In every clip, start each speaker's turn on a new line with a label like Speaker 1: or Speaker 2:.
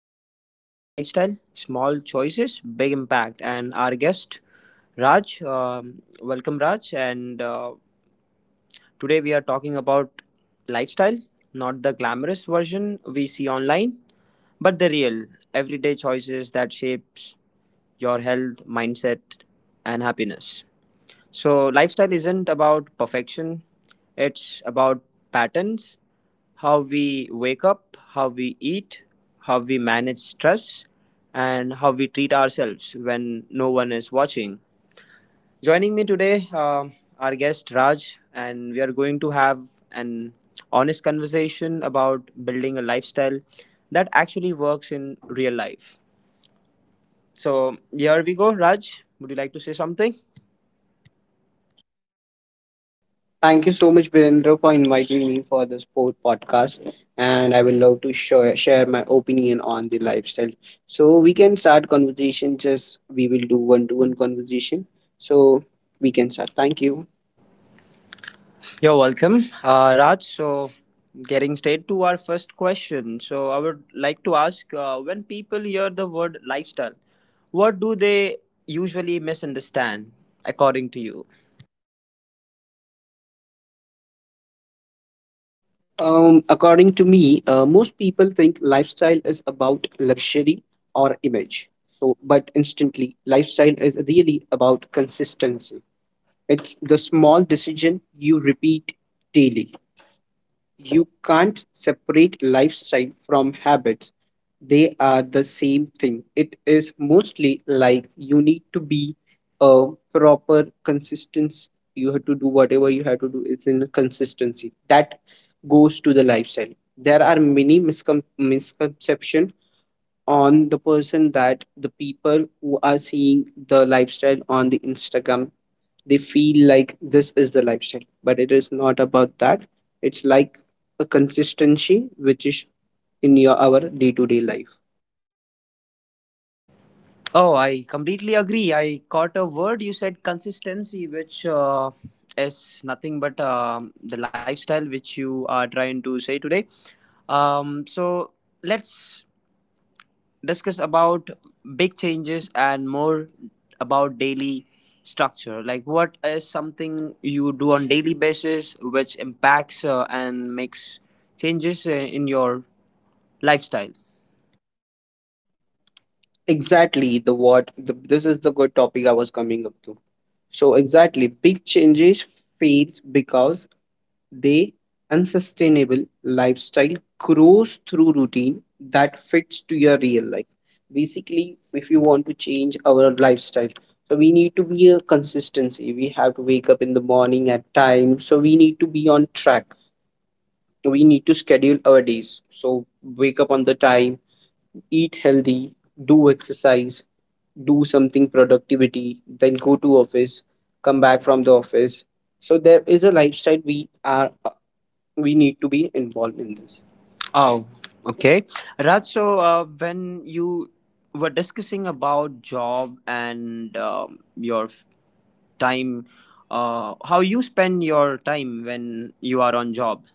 Speaker 1: be everyday lifestyle, small choices, big impact. And our guest, Raj, welcome, Raj. And Today we are talking about lifestyle, not the glamorous version we see online, but the real everyday choices that shapes your health, mindset, and happiness. So, lifestyle isn't about perfection, it's about patterns, how we wake up, how we eat, how we manage stress, and how we treat ourselves when no one is watching. Joining me today, our guest Raj, and we are going to have an honest conversation about building a lifestyle that actually works in real life. So, here we go, Raj. Would you like to say something?
Speaker 2: Thank you so much, Virendra, for inviting me for this podcast. And I would love to share my opinion on the lifestyle. So we can start conversation. Just we will do one-to-one conversation. So we can start. Thank you.
Speaker 1: You're welcome, Raj. So, getting straight to our first question. So, I would like to ask when people hear the word lifestyle, what do they usually misunderstand according to you?
Speaker 2: According to me, most people think lifestyle is about luxury or image. So, but instantly, lifestyle is really about consistency. It's the small decision you repeat daily. You can't separate lifestyle from habits. They are the same thing. It is mostly like you need to be a proper consistency. You have to do whatever you have to do. It's in consistency. That goes to the lifestyle. There are many misconceptions on the person, that the people who are seeing the lifestyle on the Instagram, they feel like this is the lifestyle, but it is not about that. It's like a consistency which is in your our day-to-day life.
Speaker 1: Oh, I completely agree. I caught a word you said consistency, which is nothing but the lifestyle which you are trying to say today. So, let's discuss about big changes and more about daily structure, like what is something you do on daily basis which impacts and makes changes in your lifestyle.
Speaker 2: Exactly, the what the, this is the good topic I was coming up to. So exactly, big changes fades because the unsustainable lifestyle grows through routine that fits to your real life. Basically, if you want to change our lifestyle, so we need to be a consistency. We have to wake up in the morning at time. So we need to be on track. We need to schedule our days. So wake up on the time, eat healthy, do exercise, do something productivity, then go to office, come back from the office. So there is a lifestyle we are, we need to be involved in this.
Speaker 1: Oh, okay, Raj. So when you were discussing about job and your time, how you spend your time when you are on job.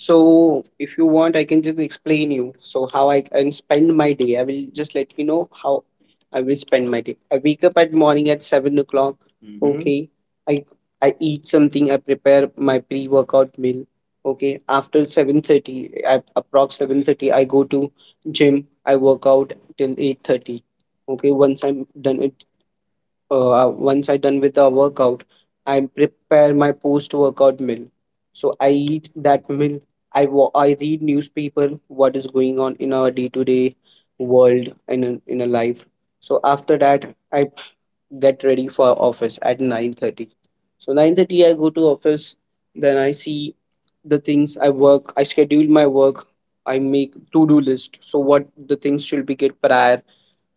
Speaker 1: So
Speaker 2: So if you want, I can just explain you, so how I can spend my day. I will just let you know how I will spend my day. I wake up at morning at 7 o'clock. Mhm. Okay. I i eat something, I prepare my pre-workout meal. Okay, after 7:30, at approx 7:30, I go to gym. I work out till 8:30. Okay, once I'm done at once I done with the workout, I prepare my post-workout meal. So I eat that meal. I read newspaper what is going on in our day-to-day world and in a life. So after that, I get ready for office at 9:30. So 9:30 I go to office. Then I see the things I work. I schedule my work. I make to-do list. So what the things should be get prior,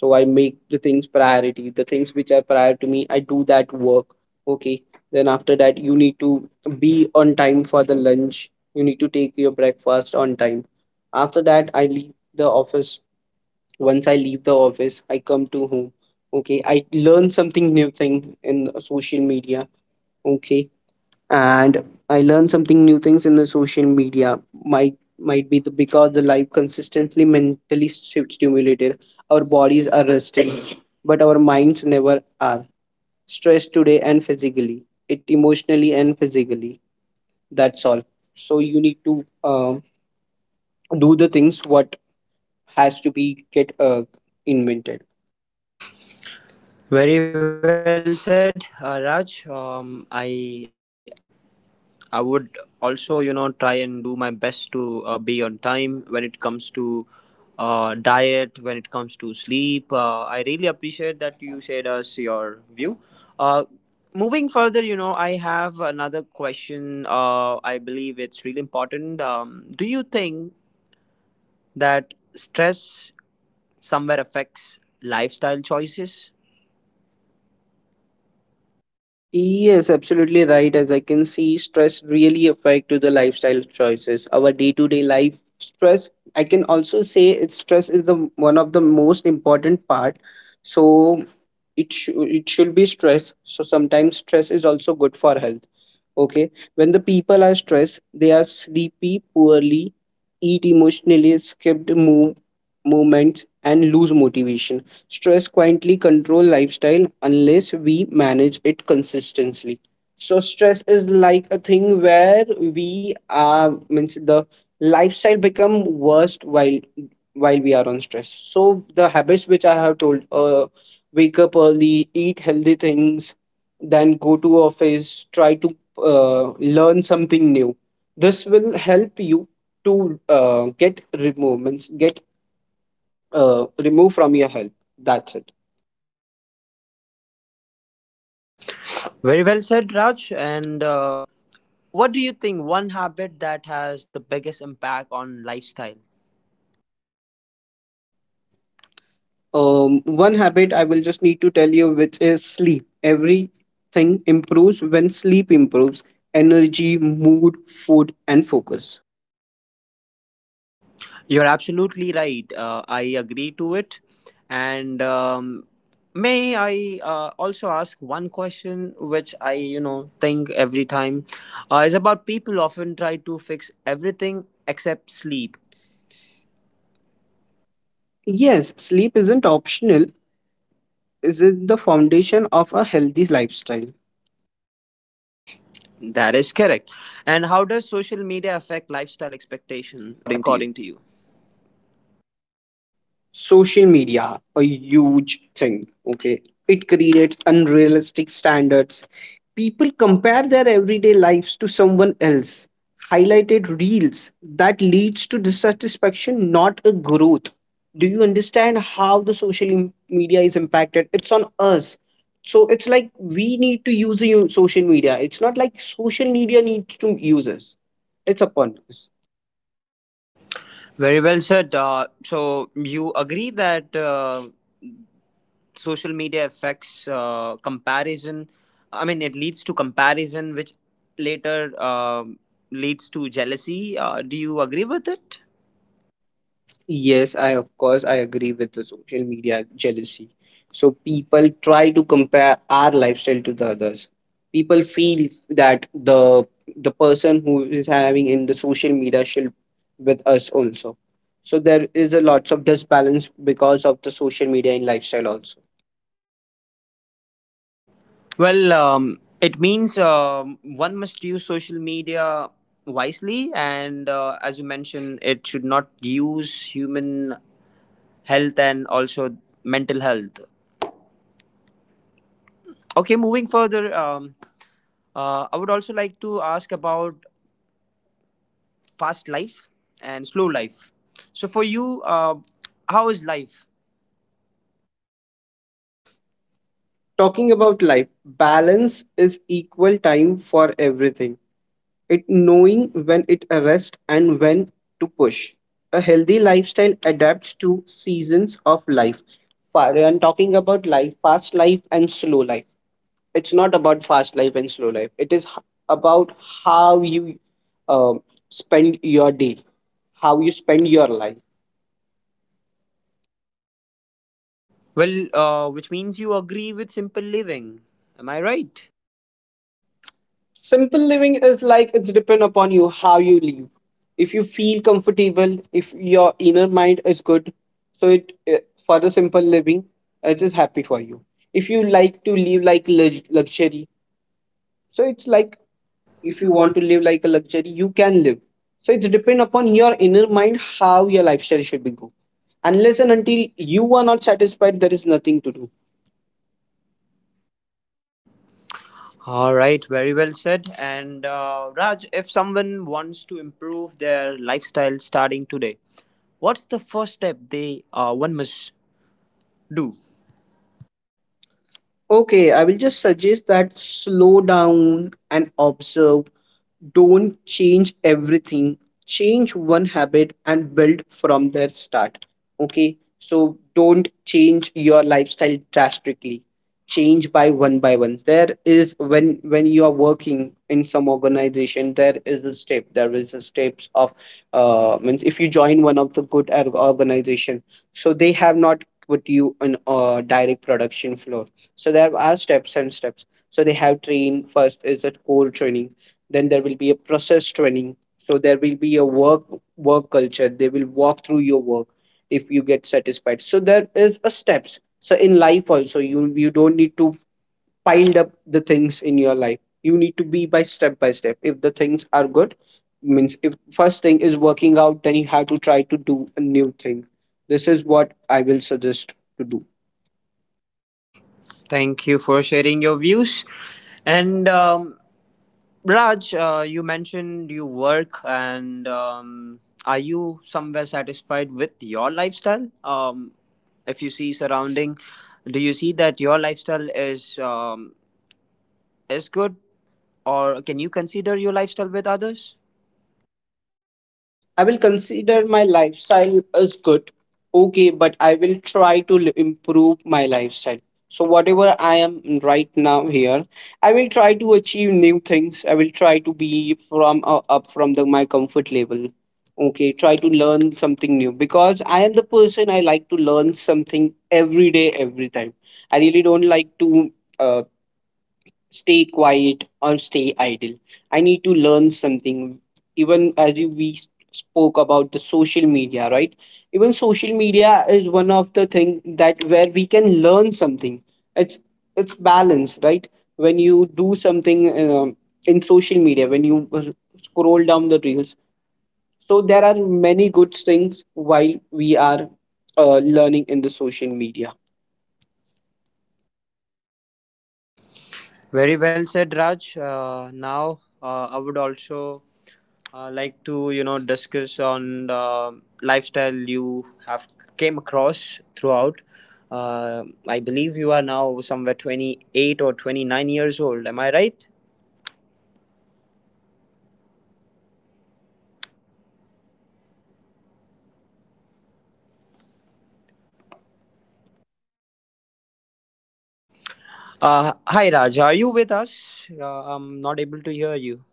Speaker 2: so I make the things priority. The things which are prior to me, I do that work. Okay, then after that you need to be on time for the lunch. You need to take your breakfast on time. After that I leave the office. Once I leave the office I come to home. Okay, I learn something new thing in social media. Okay, and I learn something new things in the social media. Might be the because the life consistently mentally stimulated, our bodies are resting, but our minds never are. Stressed today and physically, it emotionally and physically. That's all. So you need to do the things what has to be get invented.
Speaker 1: very well said, Raj. I would also, you know, try and do my best to be on time when it comes to diet, when it comes to sleep. I really appreciate that you shared us your view. Uh, moving further, you know, I have another question. I believe it's really important. Do you think that stress somewhere affects lifestyle choices?
Speaker 2: Yes, absolutely right. As I can see, stress really affect to the lifestyle choices. Our day-to-day life stress, I can also say it's stress is the one of the most important part. So it sh it should be stress. So sometimes stress is also good for health. Okay. When the people are stressed, they are sleepy, poorly, eat emotionally, skipped movements, and lose motivation. Stress quietly control lifestyle unless we manage it consistently. So stress is like a thing where we are means the lifestyle become worst while we are on stress. So the habits which I have told, wake up early, eat healthy things, then go to office, try to learn something new. This will help you to get removed, means get removed from your health. That's it.
Speaker 1: Very well said, Raj. And what do you think one habit that has the biggest impact on lifestyle?
Speaker 2: One habit I will just need to tell you, which is sleep. Everything improves when sleep improves energy, mood, food, and focus.
Speaker 1: You're absolutely right. I agree to it. And may I also ask one question, which I, you know, think every time is about people often try to fix everything except sleep.
Speaker 2: Yes, sleep isn't optional, is it the foundation of a healthy lifestyle?
Speaker 1: That is correct. And how does social media affect lifestyle expectation,
Speaker 2: According to you,
Speaker 1: according to you?
Speaker 2: social media a huge thing. Okay, it creates unrealistic standards. People compare their everyday lives to someone else highlighted reels. That leads to dissatisfaction, not a growth. Do you understand how the media is impacted it's on us? So it's like we need to use the social media, it's not like social media needs to use us. It's upon us.
Speaker 1: Very well said. So you agree that. Social media affects comparison, I mean it leads to comparison which later leads to jealousy. Uh, do you agree with it?
Speaker 2: Yes, I of course I agree with the social media jealousy. So people try to compare our lifestyle to the others. People feel that the person who is having in the social media should with us also. So there is a lots of disbalance because of the social media and lifestyle also.
Speaker 1: Well it means one must use social media wisely and as you mentioned it should not use human health and also mental health. Okay, moving further, I would also like to ask about fast life and slow life. So for you, how is life?
Speaker 2: Talking about life, balance is equal time for everything. It knowing when it arrests and when to push. A healthy lifestyle adapts to seasons of life. I'm talking about life, fast life and slow life. It's not about fast life and slow life. It is about how you um spend your day, how you spend your life.
Speaker 1: Well, which means you agree with simple living. Am I right?
Speaker 2: Simple living is like it's depend upon you how you live. If you feel comfortable, if your inner mind is good, so it for the simple living, it is happy for you. If you like to live like luxury, so it's like, if
Speaker 1: If
Speaker 2: you
Speaker 1: you
Speaker 2: want
Speaker 1: want.
Speaker 2: to live like a luxury, you can live. So it's depend upon your inner mind how your lifestyle should be go. Unless and until you are not satisfied, there is nothing to do.
Speaker 1: All right, very well said. And Raj, if someone wants to improve their lifestyle starting today, what's the first step they one must do?
Speaker 2: Okay, I will just suggest that slow down and observe. Don't change everything. Change one habit and build from there. Start. Okay, so don't change your lifestyle drastically. Change by one by one. There is when you are working in some organization, there is a step. There is a steps of means if you join one of the good organization, so they have not put you on a direct production floor. So there are steps and steps. So they have trained first is a core training, then there will be a process training. So there will be a work culture. They will walk through your work if you get satisfied. So there is a steps. So in life also you don't need to pile up the things in your life. You need to be by step by step. If the things are good, means if first thing is working out, then you have to try to do a new thing. This is what I will suggest to do.
Speaker 1: Thank you for sharing your views. And Raj, you mentioned you work, and are you somewhere satisfied with your lifestyle? If you see surrounding, do you see that your lifestyle is good, or can you consider your lifestyle with others?
Speaker 2: I will consider my lifestyle as good, okay, but I will try to improve my lifestyle. So, whatever I am right now here, I will try to achieve new things. I will try to be from up from the, my comfort level. Okay, try to learn something new because I am the person I like to learn something every day, every time. I really don't like to uh, stay quiet or stay idle. I need to learn something. Even as we spoke about the social media, right? Even social media is one of the thing that where we can learn something. it's it's balance, right? When you do something, in social media, when you scroll down the reels, so there are many good things while we are learning in the social media.
Speaker 1: Very well said, Raj. Now, I would also like to, you know, discuss on the lifestyle you have came across throughout. I believe you are now somewhere 28 or 29 years old. Am I right? Hi, Raj. Are you with us? I'm not able to hear you.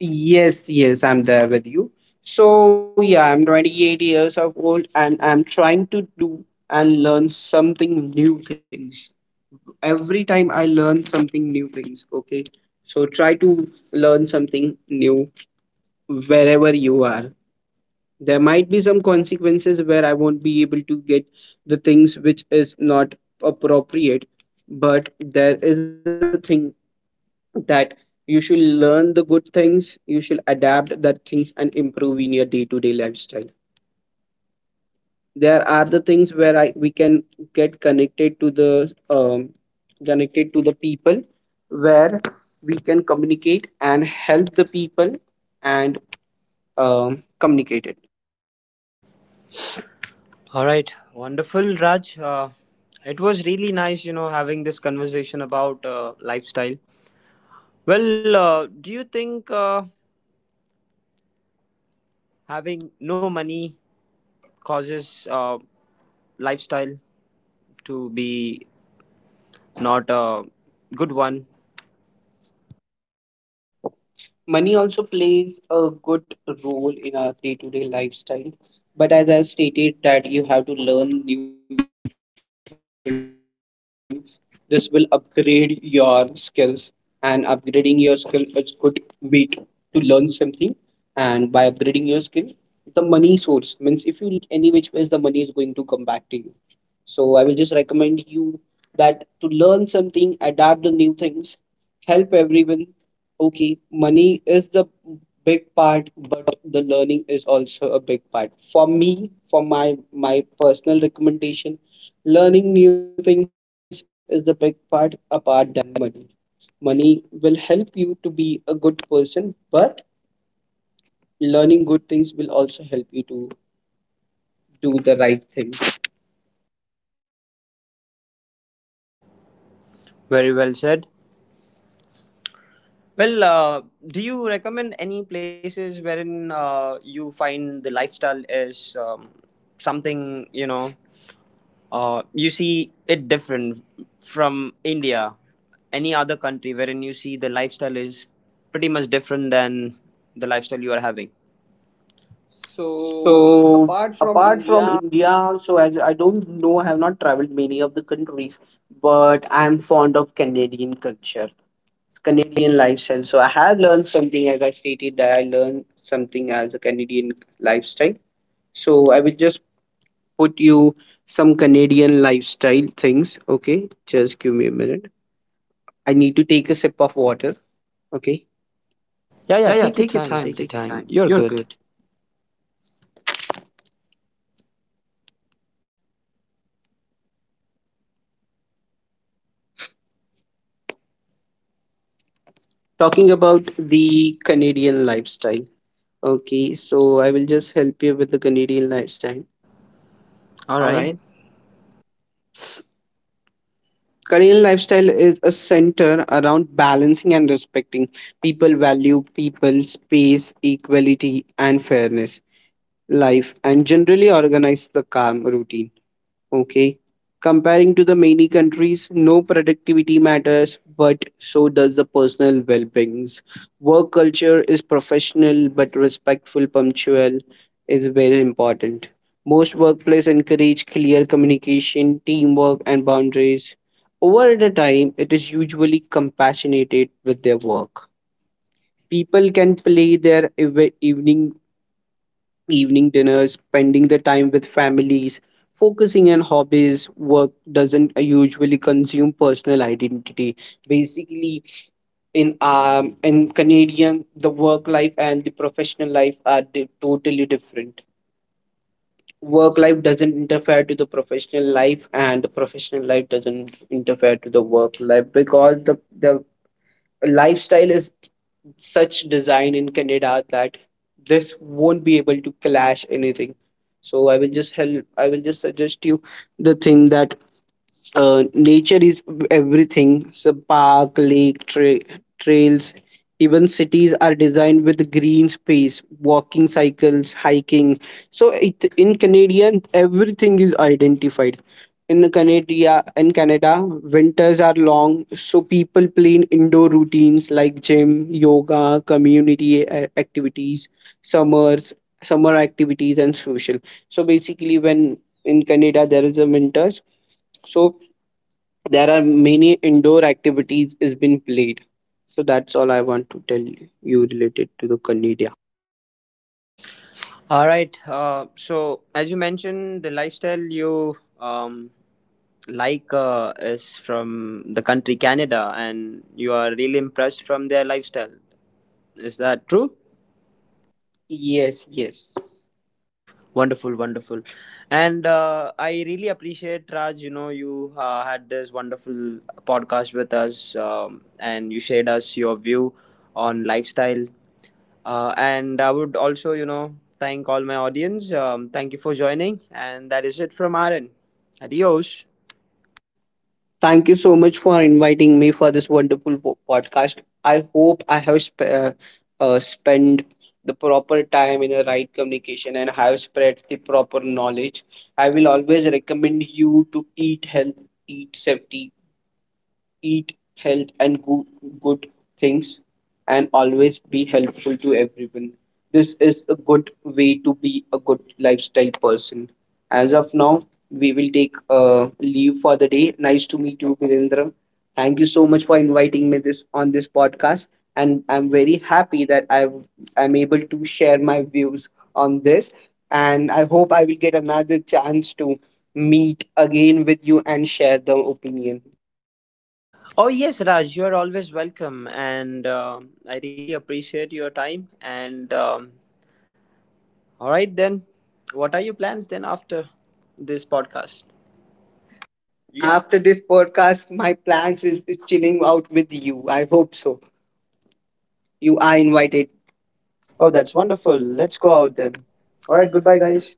Speaker 2: Yes, yes, I'm there with you. So, yeah, I'm 28 years of old and I'm trying to do and learn something new things. Every time I learn something new things, okay? So try to learn something new wherever you are. There might be some consequences where I won't be able to get the things which is not appropriate, but there is a thing that you should learn the good things, you should adapt that things and improve in your day-to-day lifestyle. There are the things where I we can get connected to the people, where we can communicate and help the people and communicate it.
Speaker 1: All right, wonderful, Raj. It was really nice, you know, having this conversation about lifestyle. Well, do you think having no money causes lifestyle to be not a good one.
Speaker 2: Money also plays a good role in our day-to-day lifestyle, but as I stated that you have to learn new things. This will upgrade your skills, and upgrading your skill is good way to learn something. And by upgrading your skill, the money source means if you learn something any which ways the money is going to come back to you. So I will just recommend you that to learn something, adapt the new things, help everyone. Okay, money is the big part, but the learning is also a big part. For me, for my personal recommendation, learning new things is the big part apart than money. Money will help you to be a good person, but learning good things will also help you to do the right thing.
Speaker 1: Very well said. Well, do you recommend any places wherein you find the lifestyle is something, you know, you see it different from India, any other country wherein you see the lifestyle is pretty much different than the lifestyle you are having? So,
Speaker 2: So
Speaker 1: apart from
Speaker 2: apart from
Speaker 1: India.
Speaker 2: India, so as I don't know, I have not traveled many of the countries, but I'm fond of Canadian culture, Canadian lifestyle. So I have learned something, as I stated, that I learned something as a Canadian lifestyle. So I will just put you some Canadian lifestyle things. Okay, just give me a minute. I need to take a sip of water. Okay.
Speaker 1: Yeah, yeah,
Speaker 2: Yeah, yeah,
Speaker 1: take your
Speaker 2: take your
Speaker 1: time,
Speaker 2: time,
Speaker 1: take your
Speaker 2: take your
Speaker 1: time.
Speaker 2: time.
Speaker 1: You're
Speaker 2: You're
Speaker 1: good.
Speaker 2: good. Talking about the Canadian lifestyle. Okay, so I will just help you with the Canadian lifestyle.
Speaker 1: All
Speaker 2: All
Speaker 1: right.
Speaker 2: right. Canadian lifestyle is a center around balancing and respecting. People value people, space, equality, and fairness. Life and generally organize the calm routine. Okay. Comparing to the many countries, no productivity matters, but so does the personal well-beings. Work culture is professional but respectful, punctual is very important. Most workplaces encourage clear communication, teamwork, and boundaries. Over the time, it is usually compassionate with their work. People can play their evening evening dinners, spending the time with families, focusing on hobbies. Work doesn't usually consume personal identity. Basically, in Canadian, the work life and the professional life are totally different. Work life doesn't interfere to the professional life, and the professional life doesn't interfere to the work life because the lifestyle is such design in Canada that this won't be able to clash anything. So I will just help, I will just suggest you the thing that nature is everything. So park, lake, trails, even cities are designed with green space, walking, cycles, hiking. So it, in Canadian everything is identified. In Canada, in Canada winters are long, so people plan indoor routines like gym, yoga, community activities. summers Summer activities and social. So basically when in Canada there is a winters, so there are many indoor activities is been played. So that's all I want to tell you related to the Canada.
Speaker 1: All right. So, as you mentioned, the lifestyle you like is from the country Canada, and you are really impressed from their lifestyle. Is that true?
Speaker 2: Yes, yes.
Speaker 1: Wonderful, wonderful. And I really appreciate, Raj, you know, you had this wonderful podcast with us, and you shared us your view on lifestyle. And I would also, you know, thank all my audience. Thank you for joining. And that is it from Aaron. Adios.
Speaker 2: Thank you so much for inviting me for this wonderful podcast. I hope I have spent the proper time in the right communication and have spread the proper knowledge. I will always recommend you to eat health, eat safety, eat health and good, good things and always be helpful to everyone. This is a good way to be a good lifestyle person. As of now, we will take leave for the day. Nice to meet you, Virendra. Thank you so much for inviting me this on this podcast, and I'm very happy that I am able to share my views on this. And I hope I will get another chance to meet again with you and share the opinion.
Speaker 1: Oh, yes, Raj, you are always welcome. And um, I really appreciate your time. And all right, then, what are your plans then after this podcast?
Speaker 2: Yeah. After this podcast, my plans is chilling out with you. I hope so. You are invited. Oh,
Speaker 1: Oh,
Speaker 2: that's
Speaker 1: that's wonderful.
Speaker 2: wonderful. Let's
Speaker 1: Let's go
Speaker 2: go out
Speaker 1: out
Speaker 2: then.
Speaker 1: then.
Speaker 2: All
Speaker 1: All
Speaker 2: right.
Speaker 1: right,
Speaker 2: Goodbye,
Speaker 1: goodbye, guys.
Speaker 2: guys.